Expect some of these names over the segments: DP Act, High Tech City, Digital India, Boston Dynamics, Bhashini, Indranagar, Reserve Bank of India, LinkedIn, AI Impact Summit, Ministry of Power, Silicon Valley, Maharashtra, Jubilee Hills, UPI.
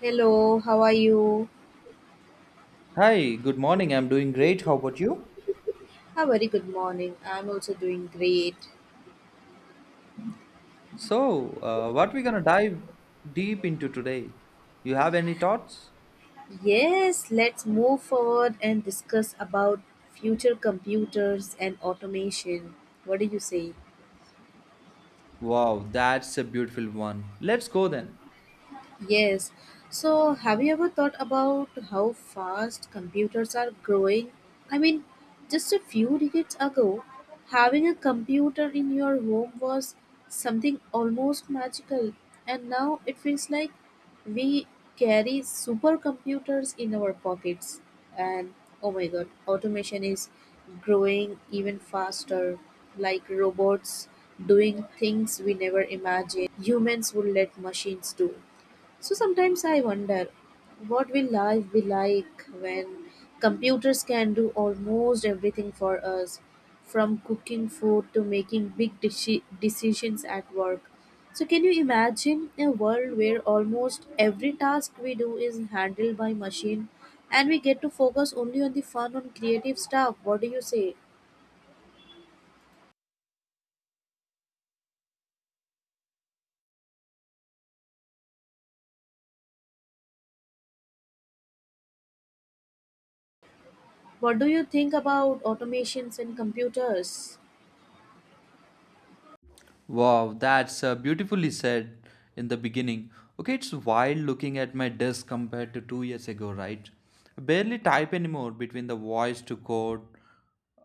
Hello, how are you? Hi, good morning. I'm doing great. How about you? A very good morning. I'm also doing great. So, what we gonna dive deep into today? You have any thoughts? Yes, let's move forward and discuss about future computers and automation. What do you say? Wow, that's a beautiful one. Let's go then. Yes. So, have you ever thought about how fast computers are growing? I mean, just a few decades ago, having a computer in your home was something almost magical, and now it feels like we carry supercomputers in our pockets. And oh my god, automation is growing even faster, like robots doing things we never imagined humans would let machines do. So sometimes I wonder what will life be like when computers can do almost everything for us, from cooking food to making big decisions at work. So can you imagine a world where almost every task we do is handled by machine and we get to focus only on the fun and creative stuff? What do you say? What do you think about automations and computers? Wow, that's beautifully said in the beginning. Okay, it's wild looking at my desk compared to 2 years ago, right? I barely type anymore between the voice to code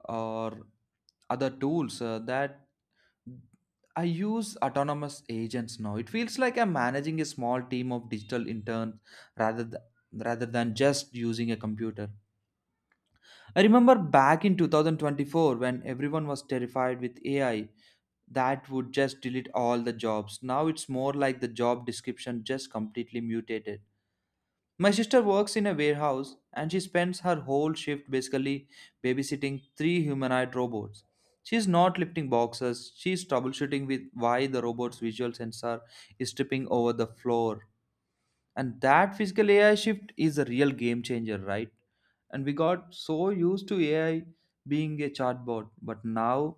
or other tools that I use autonomous agents now. It feels like I'm managing a small team of digital interns rather th- rather than just using a computer. I remember back in 2024 when everyone was terrified with AI that would just delete all the jobs. Now it's more like the job description just completely mutated. My sister works in a warehouse and she spends her whole shift basically babysitting three humanoid robots. She's not lifting boxes, she's troubleshooting with why the robot's visual sensor is tripping over the floor, and that physical ai shift is a real game changer, right? And we got so used to ai being a chatbot, but now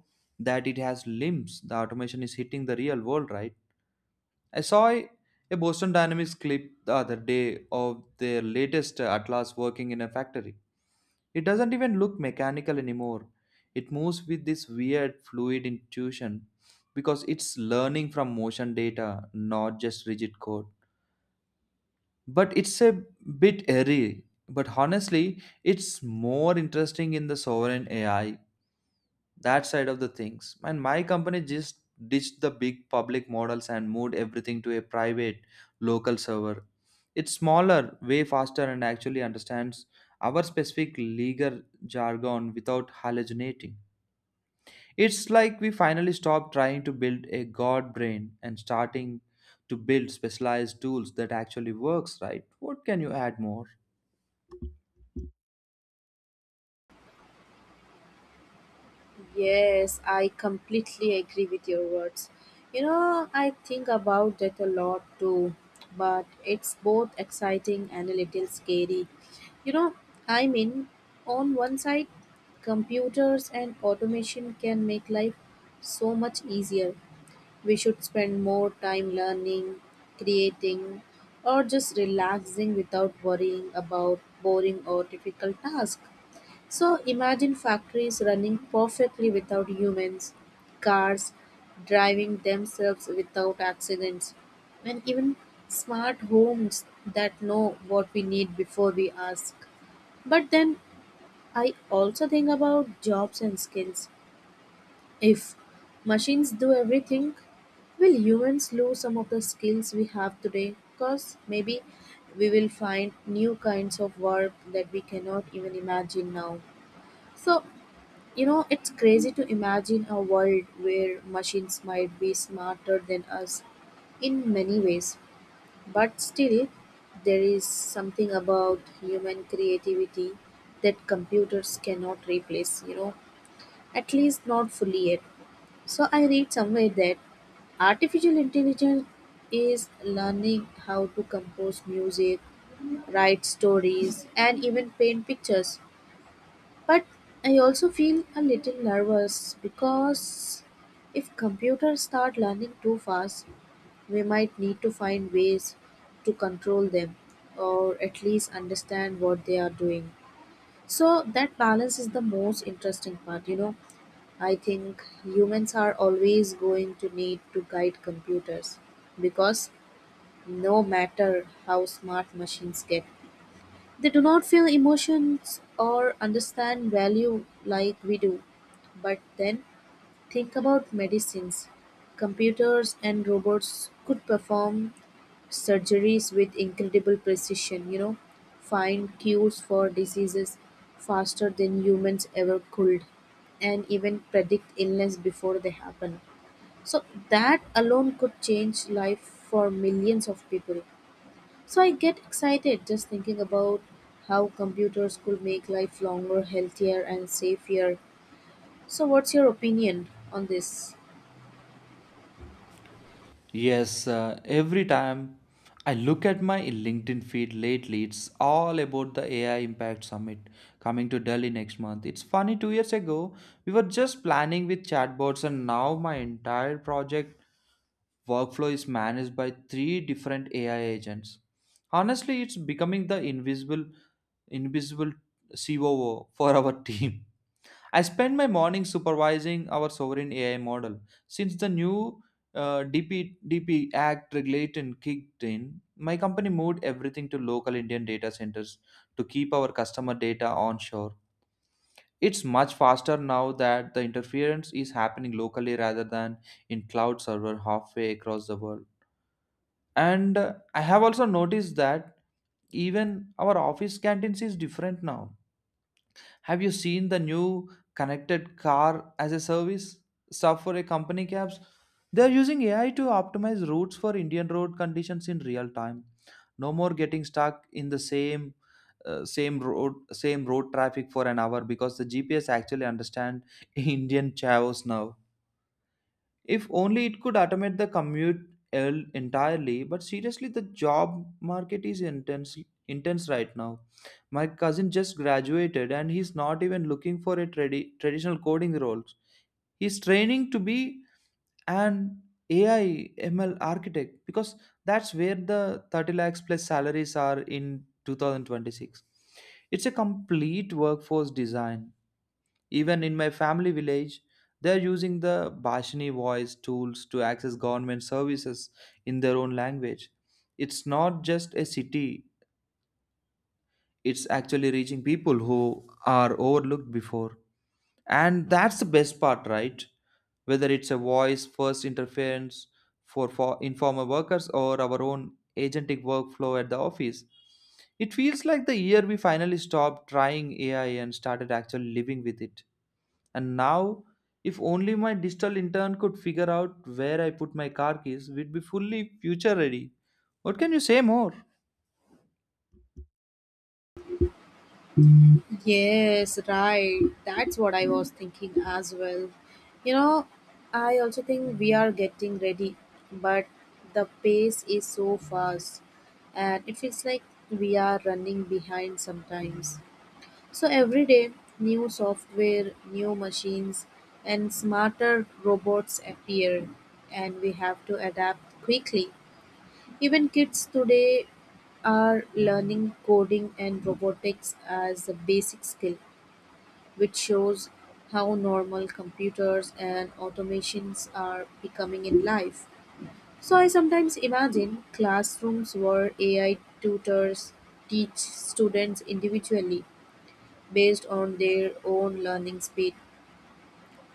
that it has limbs, the automation is hitting the real world, right? I saw a boston dynamics clip the other day of their latest atlas working in a factory. It doesn't even look mechanical anymore. It moves with this weird fluid intuition, because it's learning from motion data, not just rigid code. But it's a bit airy. But honestly, it's more interesting in the sovereign AI, that side of the things. And my company just ditched the big public models and moved everything to a private local server. It's smaller, way faster, and actually understands our specific legal jargon without hallucinating. It's like we finally stopped trying to build a god brain and starting to build specialized tools that actually works, right? What can you add more? Yes, I completely agree with your words. You know, I think about that a lot too, but it's both exciting and a little scary. You know, I mean, on one side, computers and automation can make life so much easier. We should spend more time learning, creating, or just relaxing without worrying about boring or difficult tasks. So imagine factories running perfectly without humans, cars driving themselves without accidents, and even smart homes that know what we need before we ask. But then I also think about jobs and skills. If machines do everything, will humans lose some of the skills we have today? Because maybe we will find new kinds of work that we cannot even imagine now. So, you know, it's crazy to imagine a world where machines might be smarter than us in many ways, but still, there is something about human creativity that computers cannot replace, you know, at least not fully yet. So, I read somewhere that artificial intelligence is learning how to compose music, write stories, and even paint pictures, but I also feel a little nervous because if computers start learning too fast, we might need to find ways to control them or at least understand what they are doing. So that balance is the most interesting part, you know. I think humans are always going to need to guide computers because no matter how smart machines get, they do not feel emotions or understand value like we do. But then think about medicines. Computers and robots could perform surgeries with incredible precision, you know, find cures for diseases faster than humans ever could, and even predict illness before they happen. So, that alone could change life for millions of people. So I get excited just thinking about how computers could make life longer, healthier, and safer. So, what's your opinion on this? Yes, every time I look at my LinkedIn feed lately, it's all about the AI Impact Summit coming to Delhi next month. It's funny, 2 years ago, we were just planning with chatbots, and now my entire project workflow is managed by three different AI agents. Honestly, it's becoming the invisible COO for our team. I spend my morning supervising our sovereign AI model. Since the new DP Act regulation kicked in, my company moved everything to local Indian data centers to keep our customer data onshore. It's much faster now that the interference is happening locally rather than in cloud server halfway across the world. And I have also noticed that even our office canteens is different now. Have you seen the new connected car as a service stuff for a company cabs? They are using ai to optimize routes for indian road conditions in real time. No more getting stuck in the same road traffic for an hour because the gps actually understand indian chavos now. If only it could automate the commute entirely. But seriously, the job market is intense right now. My cousin just graduated and he's not even looking for a traditional coding roles. He's training to be an AI ML architect because that's where the 30 lakhs plus salaries are in 2026. It's a complete workforce design. Even in my family village, they are using the Bhashini voice tools to access government services in their own language. It's not just a city, it's actually reaching people who are overlooked before. And that's the best part, right? Whether it's a voice first interference for informal workers or our own agentic workflow at the office, it feels like the year we finally stopped trying AI and started actually living with it. And now, if only my digital intern could figure out where I put my car keys, we'd be fully future ready. What can you say more? Yes, right. That's what I was thinking as well. You know, I also think we are getting ready, but the pace is so fast, and it feels like we are running behind sometimes. So every day, new software, new machines, and smarter robots appear, and we have to adapt quickly. Even kids today are learning coding and robotics as a basic skill, which shows how normal computers and automations are becoming in life. So I sometimes imagine classrooms where AI tutors teach students individually based on their own learning speed,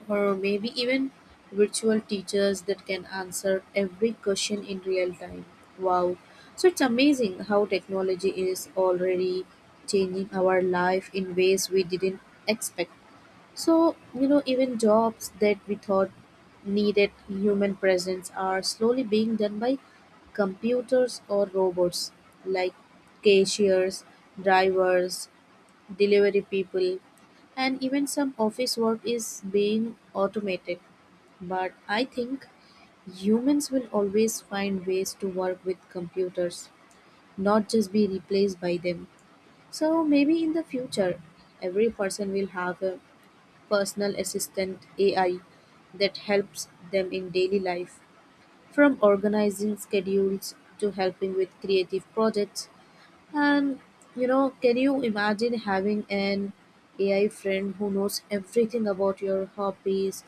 or maybe even virtual teachers that can answer every question in real time. Wow. So it's amazing how technology is already changing our life in ways we didn't expect. So, you know, even jobs that we thought needed human presence are slowly being done by computers or robots, like cashiers, drivers, delivery people, and even some office work is being automated. But I think humans will always find ways to work with computers, not just be replaced by them. So maybe in the future, every person will have a personal assistant AI that helps them in daily life, from organizing schedules to helping with creative projects. And you know, can you imagine having an AI friend who knows everything about your hobbies,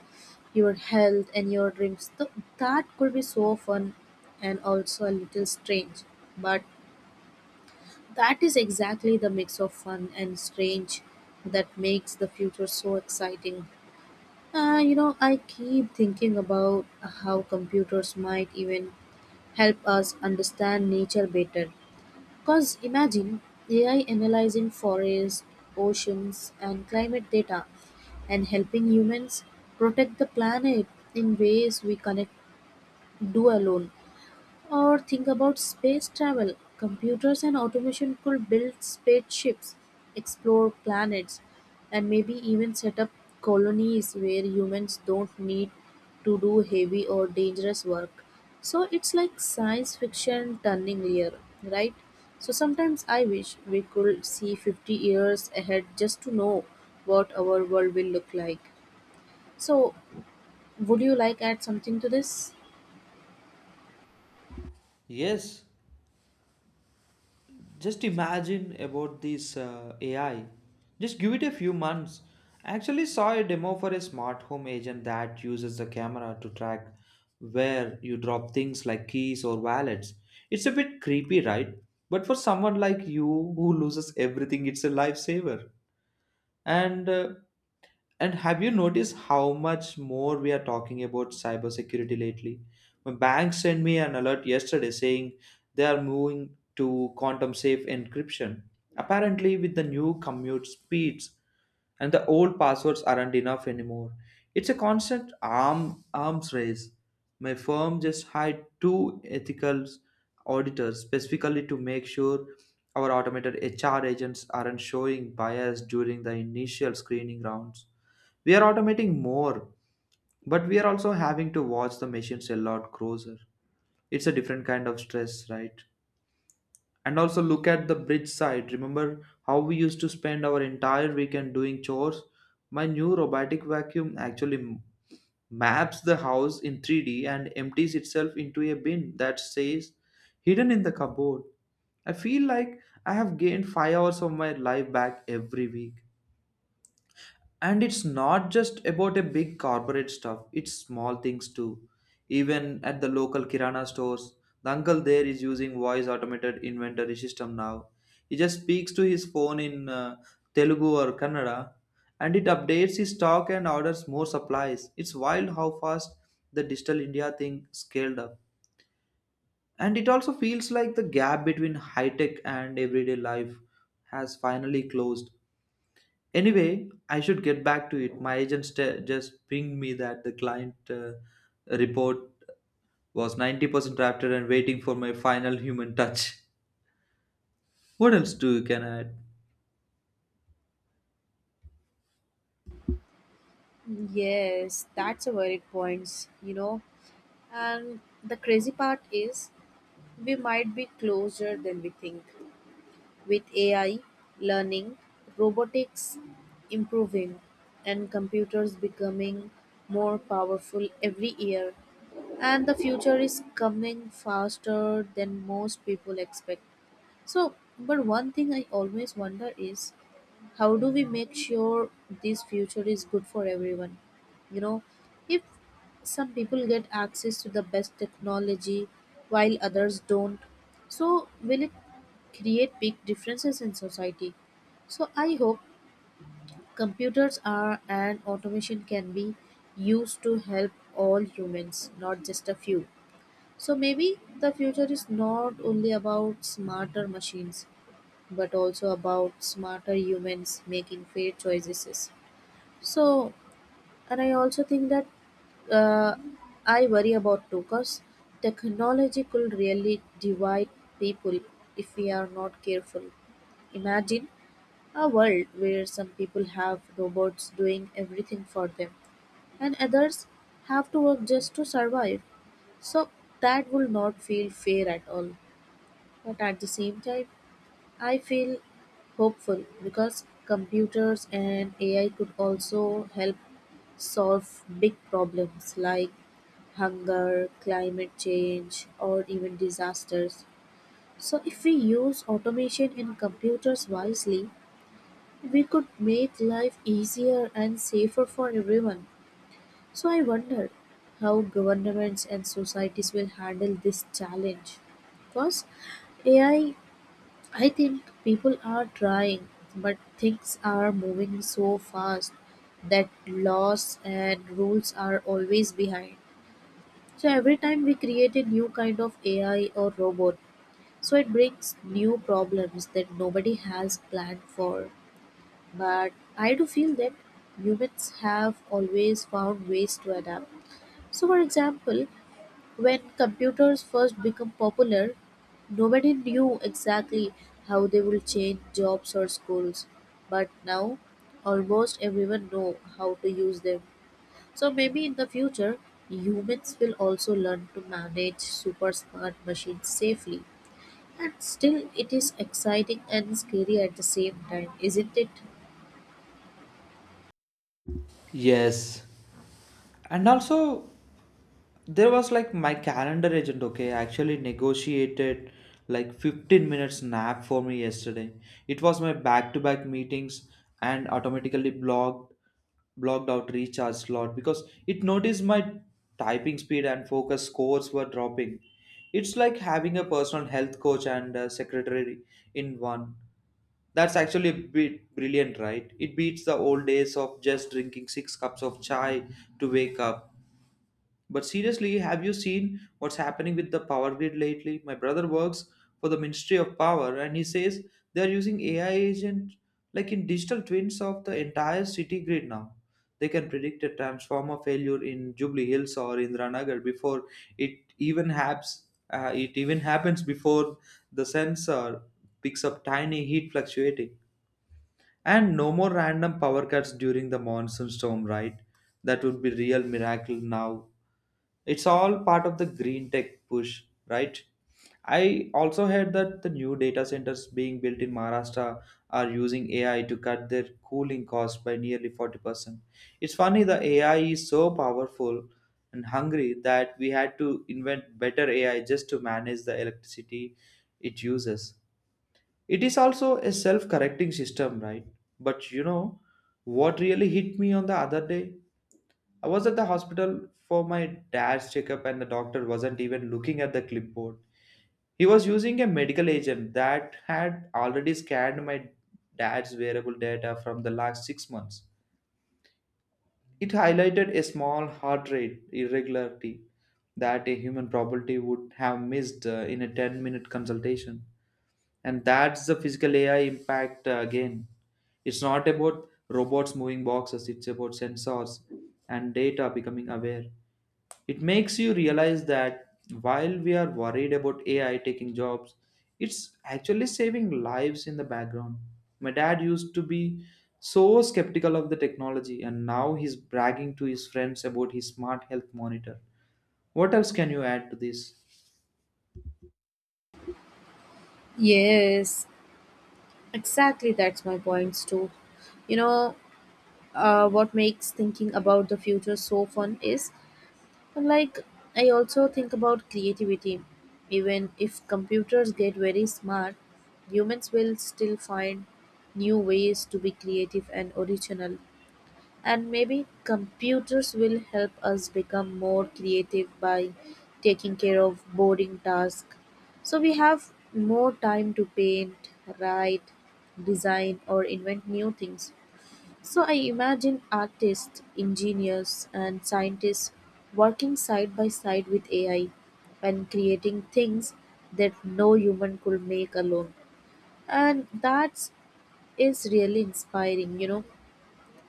your health, and your dreams? That could be so fun and also a little strange, but that is exactly the mix of fun and strange that makes the future so exciting. You know, I keep thinking about how computers might even help us understand nature better. Because imagine AI analyzing forests, oceans, and climate data and helping humans protect the planet in ways we connect do alone. Or think about space travel: computers and automation could build spaceships, explore planets, and maybe even set up colonies where humans don't need to do heavy or dangerous work. So it's like science fiction turning real, right? So sometimes I wish we could see 50 years ahead just to know what our world will look like. So would you like add something to this? Yes, just imagine about this AI. Just give it a few months. I actually saw a demo for a smart home agent that uses the camera to track where you drop things like keys or wallets. It's a bit creepy, right? But for someone like you who loses everything, it's a lifesaver. and uh, and have you noticed how much more we are talking about cybersecurity lately? My bank sent me an alert yesterday saying they are moving to quantum safe encryption. Apparently, with the new commute speeds, and the old passwords aren't enough anymore. It's a constant arms race. My firm just hired two ethical auditors specifically to make sure our automated HR agents aren't showing bias during the initial screening rounds. We are automating more, but we are also having to watch the machines a lot closer. It's a different kind of stress, right? And also look at the bridge side. Remember how we used to spend our entire weekend doing chores? My new robotic vacuum actually maps the house in 3D and empties itself into a bin that says hidden in the cupboard. I feel like I have gained 5 hours of my life back every week. And it's not just about a big corporate stuff, it's small things too. Even at the local kirana stores, the uncle there is using voice automated inventory system now. He just speaks to his phone in telugu or kannada, and it updates his stock and orders more supplies. It's wild how fast the digital india thing scaled up. And it also feels like the gap between high tech and everyday life has finally closed. Anyway, I should get back to it. My agent just pinged me that the client report was 90% drafted and waiting for my final human touch. What else do you can add? Yes, that's a valid point, you know. And the crazy part is we might be closer than we think. With AI, learning, robotics improving, and computers becoming more powerful every year. And the future is coming faster than most people expect. So, but one thing I always wonder is, how do we make sure this future is good for everyone? You know, if some people get access to the best technology while others don't, so will it create big differences in society? So I hope computers are and automation can be used to help all humans, not just a few. So maybe the future is not only about smarter machines but also about smarter humans making fair choices. So, and I also think that, uh, I worry about too, because technology could really divide people if we are not careful. Imagine a world where some people have robots doing everything for them, and others have to work just to survive. So that will not feel fair at all. But at the same time, I feel hopeful because computers and AI could also help solve big problems like hunger, climate change, or even disasters. So, if we use automation and computers wisely, we could make life easier and safer for everyone. So, I wonder how governments and societies will handle this challenge, because AI, I think people are trying, but things are moving so fast that laws and rules are always behind. So every time we create a new kind of AI or robot, so it brings new problems that nobody has planned for. But I do feel that humans have always found ways to adapt. So, for example, when computers first became popular, nobody knew exactly how they will change jobs or schools, but now almost everyone know how to use them. So maybe in the future, humans will also learn to manage super smart machines safely. And still, it is exciting and scary at the same time, isn't it? Yes. And also, there was like my calendar agent, okay, actually negotiated like 15 minutes nap for me yesterday. It was my back to back meetings and automatically blocked out recharge slot because it noticed my typing speed and focus scores were dropping. It's like having a personal health coach and a secretary in one. That's actually a bit brilliant, right? It beats the old days of just drinking six cups of chai to wake up. But seriously, have you seen what's happening with the power grid lately? My brother works for the Ministry of Power, and he says they are using AI agents like in digital twins of the entire city grid now. They can predict a transformer failure in Jubilee Hills or Indranagar before it even happens. It even happens before the sensor picks up tiny heat fluctuating. And no more random power cuts during the monsoon storm, right? That would be real miracle now. It's all part of the green tech push, right? I also heard that the new data centers being built in Maharashtra are using AI to cut their cooling cost by nearly 40%. It's funny, the AI is so powerful and hungry that we had to invent better AI just to manage the electricity it uses. It is also a self correcting system, right? But you know what really hit me on the other day? I was at the hospital for my dad's checkup, and the doctor wasn't even looking at the clipboard. He was using a medical agent that had already scanned my dad's wearable data from the last 6 months. It highlighted a small heart rate irregularity that a human probability would have missed in a 10-minute consultation. And that's the physical ai impact again. It's not about robots moving boxes, it's about sensors and data becoming aware. It makes you realize that while we are worried about ai taking jobs, it's actually saving lives in the background. My dad used to be so skeptical of the technology, and now he's bragging to his friends about his smart health monitor. What else can you add to this? Yes, exactly. That's my points too. You know, what makes thinking about the future so fun is, like, I also think about creativity. Even if computers get very smart, humans will still find new ways to be creative and original. And maybe computers will help us become more creative by taking care of boring tasks. So we have more time to paint, write, design, or invent new things. So I imagine artists, engineers, and scientists working side by side with AI and creating things that no human could make alone. And that is really inspiring, you know.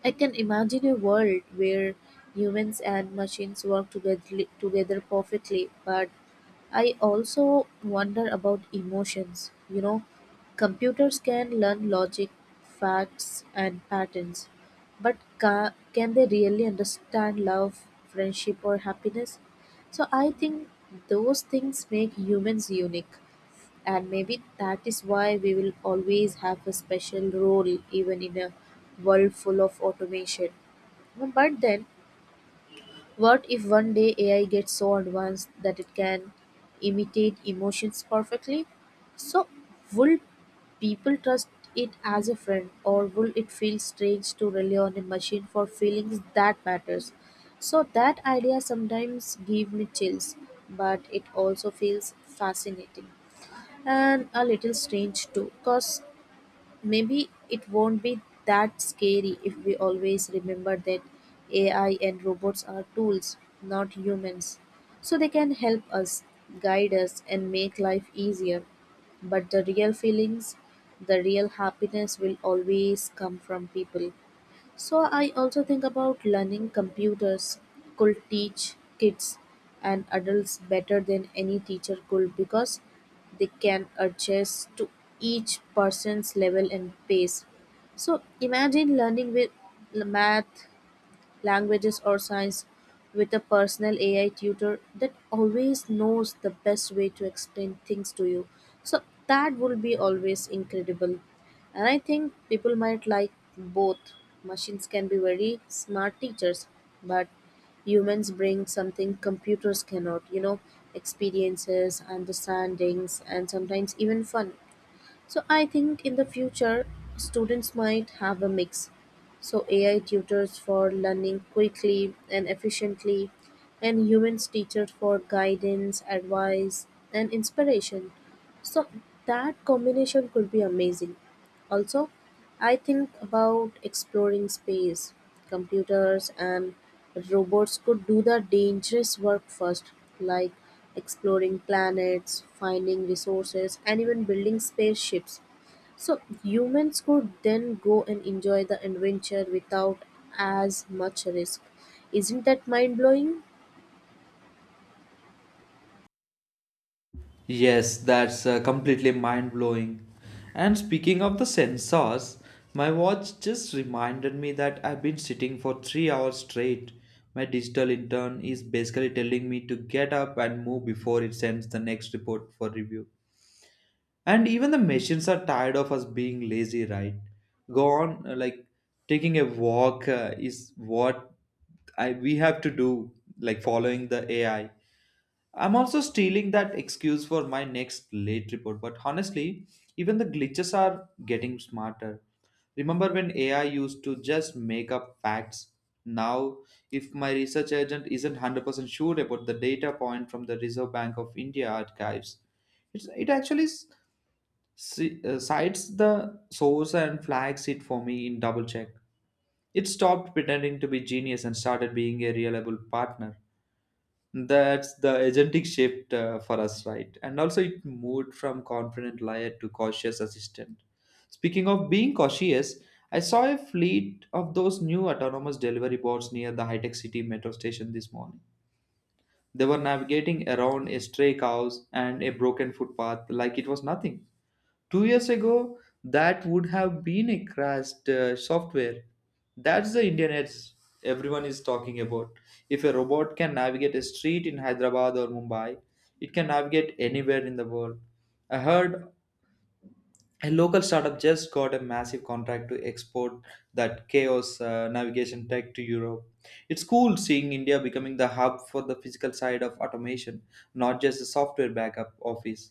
I can imagine a world where humans and machines work together, together perfectly, but I also wonder about emotions. You know, computers can learn logic, facts, and patterns, but can they really understand love, friendship, or happiness? So I think those things make humans unique. And maybe that is why we will always have a special role even in a world full of automation. But then, what if one day AI gets so advanced that it can imitate emotions perfectly? So, will people trust it as a friend, or will it feel strange to rely on a machine for feelings that matters? So that idea sometimes gives me chills, but it also feels fascinating. And a little strange too, because maybe it won't be that scary if we always remember that AI and robots are tools, not humans. So they can help us, guide us, and make life easier. But the real feelings, the real happiness will always come from people. So I also think about learning. Computers could teach kids and adults better than any teacher could, because they can adjust to each person's level and pace. So imagine learning with math, languages, or science with a personal AI tutor that always knows the best way to explain things to you. So that would be always incredible. And I think people might like both. Machines can be very smart teachers, but humans bring something computers cannot, you know, experiences, understandings, and sometimes even fun. So I think in the future, students might have a mix. So AI tutors for learning quickly and efficiently, and humans teachers for guidance, advice, and inspiration. So that combination could be amazing. Also, I think about exploring space. Computers and robots could do the dangerous work first, like exploring planets, finding resources, and even building spaceships. So humans could then go and enjoy the adventure without as much risk. Isn't that mind blowing? Yes, that's completely mind blowing. And speaking of the sensors, my watch just reminded me that I've been sitting for 3 hours straight. My digital intern is basically telling me to get up and move before it sends the next report for review. And even the machines are tired of us being lazy, right? Go on, like taking a walk is what I we have to do, like following the AI. I'm also stealing that excuse for my next late report, but honestly, even the glitches are getting smarter. Remember when AI used to just make up facts? Now, if my research agent isn't 100% sure about the data point from the Reserve Bank of India archives, it actually cites the source and flags it for me in double check. It stopped pretending to be genius and started being a reliable partner. That's the agentic shift for us, right? And also, it moved from confident liar to cautious assistant. Speaking of being cautious, I saw a fleet of those new autonomous delivery bots near the high tech city metro station this morning. They were navigating around a stray cows and a broken footpath like it was nothing. 2 years ago that would have been a crashed software. That's the indian edge everyone is talking about. If a robot can navigate a street in hyderabad or mumbai, it can navigate anywhere in the world. I heard a local startup just got a massive contract to export that chaos navigation tech to europe. It's cool seeing india becoming the hub for the physical side of automation, not just the software backup office.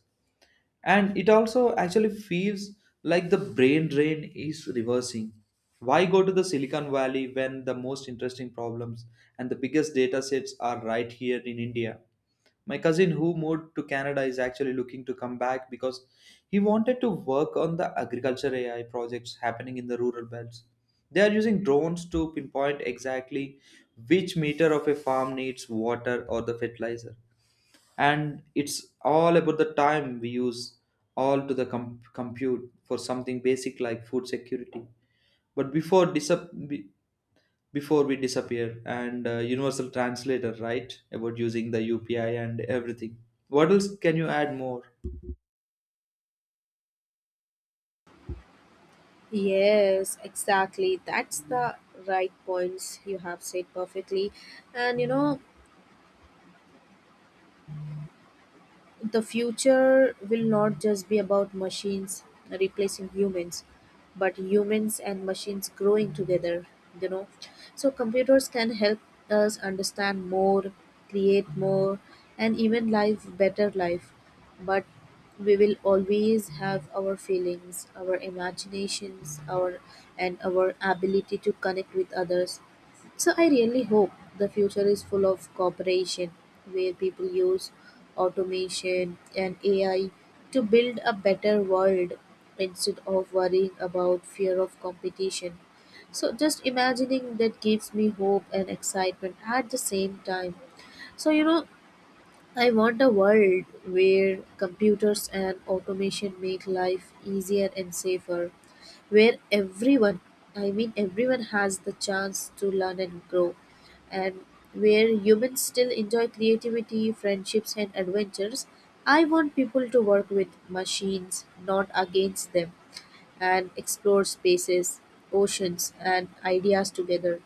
And it also actually feels like the brain drain is reversing. Why go to the silicon valley when the most interesting problems and the biggest data sets are right here in india? My cousin who moved to canada is actually looking to come back because he wanted to work on the agriculture ai projects happening in the rural belts. They are using drones to pinpoint exactly which meter of a farm needs water or the fertilizer. And it's all about the time we use all to the compute for something basic like food security. But before we disappear and universal translator right about using the upi and everything, what else can you add more? Yes, exactly. That's the right points you have said perfectly. And you know, the future will not just be about machines replacing humans but humans and machines growing together, you know, so computers can help us understand more, create more, and even live better life. But we will always have our feelings, our imaginations, our and our ability to connect with others. So I really hope the future is full of cooperation where people use automation and AI to build a better world instead of worrying about fear of competition. So just imagining that gives me hope and excitement at the same time. So you know, I want a world where computers and automation make life easier and safer, where everyone, I mean everyone, has the chance to learn and grow, and where humans still enjoy creativity, friendships, and adventures. I want people to work with machines, not against them, and explore spaces, oceans, and ideas together.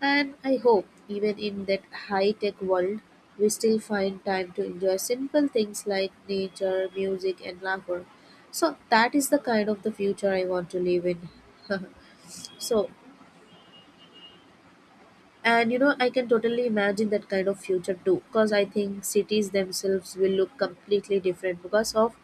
And I hope, even in that high tech world, we still find time to enjoy simple things like nature, music, and laughter. So that is the kind of the future I want to live in. So, and you know, I can totally imagine that kind of future too, because I think cities themselves will look completely different because of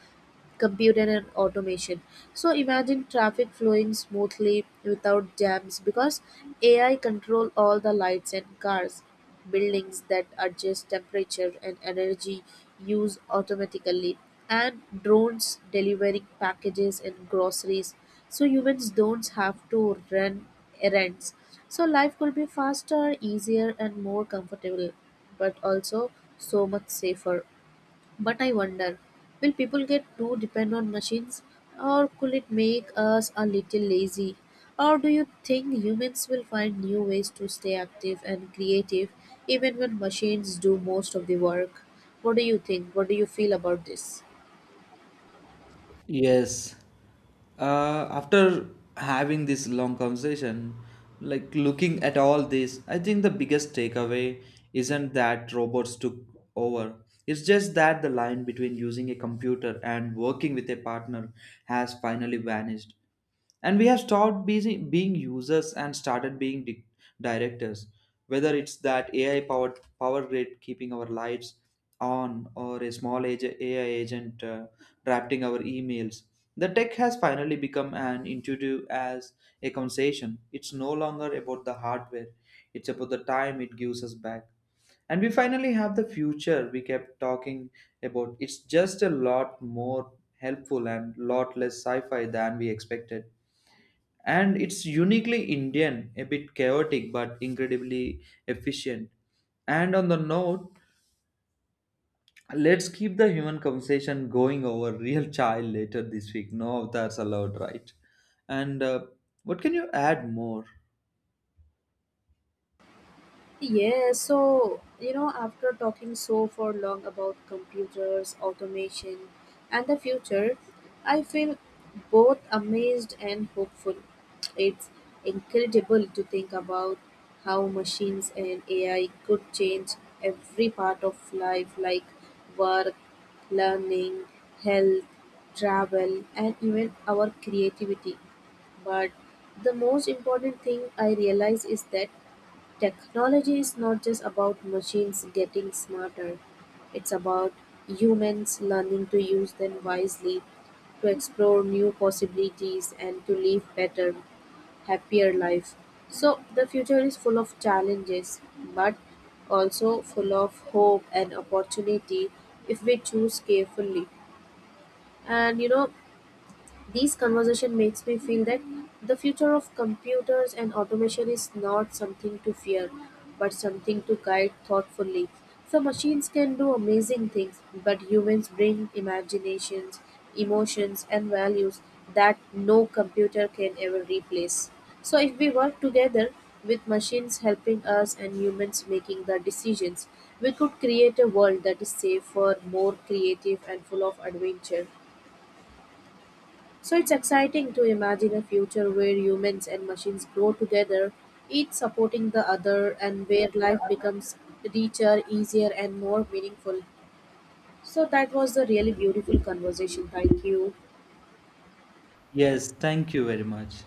computer and automation. So imagine traffic flowing smoothly without jams because AI control all the lights and cars, buildings that adjust temperature and energy use automatically, and drones delivering packages and groceries. So humans don't have to run errands. So life could be faster, easier and more comfortable, but also so much safer. But I wonder, will people get too dependent on machines, or could it make us a little lazy? Or do you think humans will find new ways to stay active and creative even when machines do most of the work? What do you think? What do you feel about this? Yes. After having this long conversation, like looking at all this, I think the biggest takeaway isn't that robots took over. It's just that the line between using a computer and working with a partner has finally vanished, and we have stopped busy being users and started being directors. Whether it's that ai powered power grid keeping our lights on, or a small ai agent drafting our emails, the tech has finally become an intuitive as a conversation. It's no longer about the hardware, it's about the time it gives us back. And we finally have the future we kept talking about. It's just a lot more helpful and lot less sci-fi than we expected. And it's uniquely Indian, a bit chaotic but incredibly efficient. And on the note, let's keep the human conversation going over real child later this week. No, that's allowed, right? And what can you add more? Yes, so you know, after talking so for long about computers, automation, and the future, I feel both amazed and hopeful. It's incredible to think about how machines and AI could change every part of life, like work, learning, health, travel, and even our creativity. But the most important thing I realize is that technology is not just about machines getting smarter, it's about humans learning to use them wisely, to explore new possibilities, and to live better, happier life. So the future is full of challenges, but also full of hope and opportunity if we choose carefully. And you know, these conversation makes me feel that the future of computers and automation is not something to fear, but something to guide thoughtfully. So machines can do amazing things, but humans bring imaginations, emotions and values that no computer can ever replace. So if we work together, with machines helping us and humans making the decisions, we could create a world that is safer, more creative and full of adventure. So it's exciting to imagine a future where humans and machines grow together, each supporting the other, and where life becomes richer, easier, and more meaningful. So that was a really beautiful conversation. Thank you. Yes, thank you very much.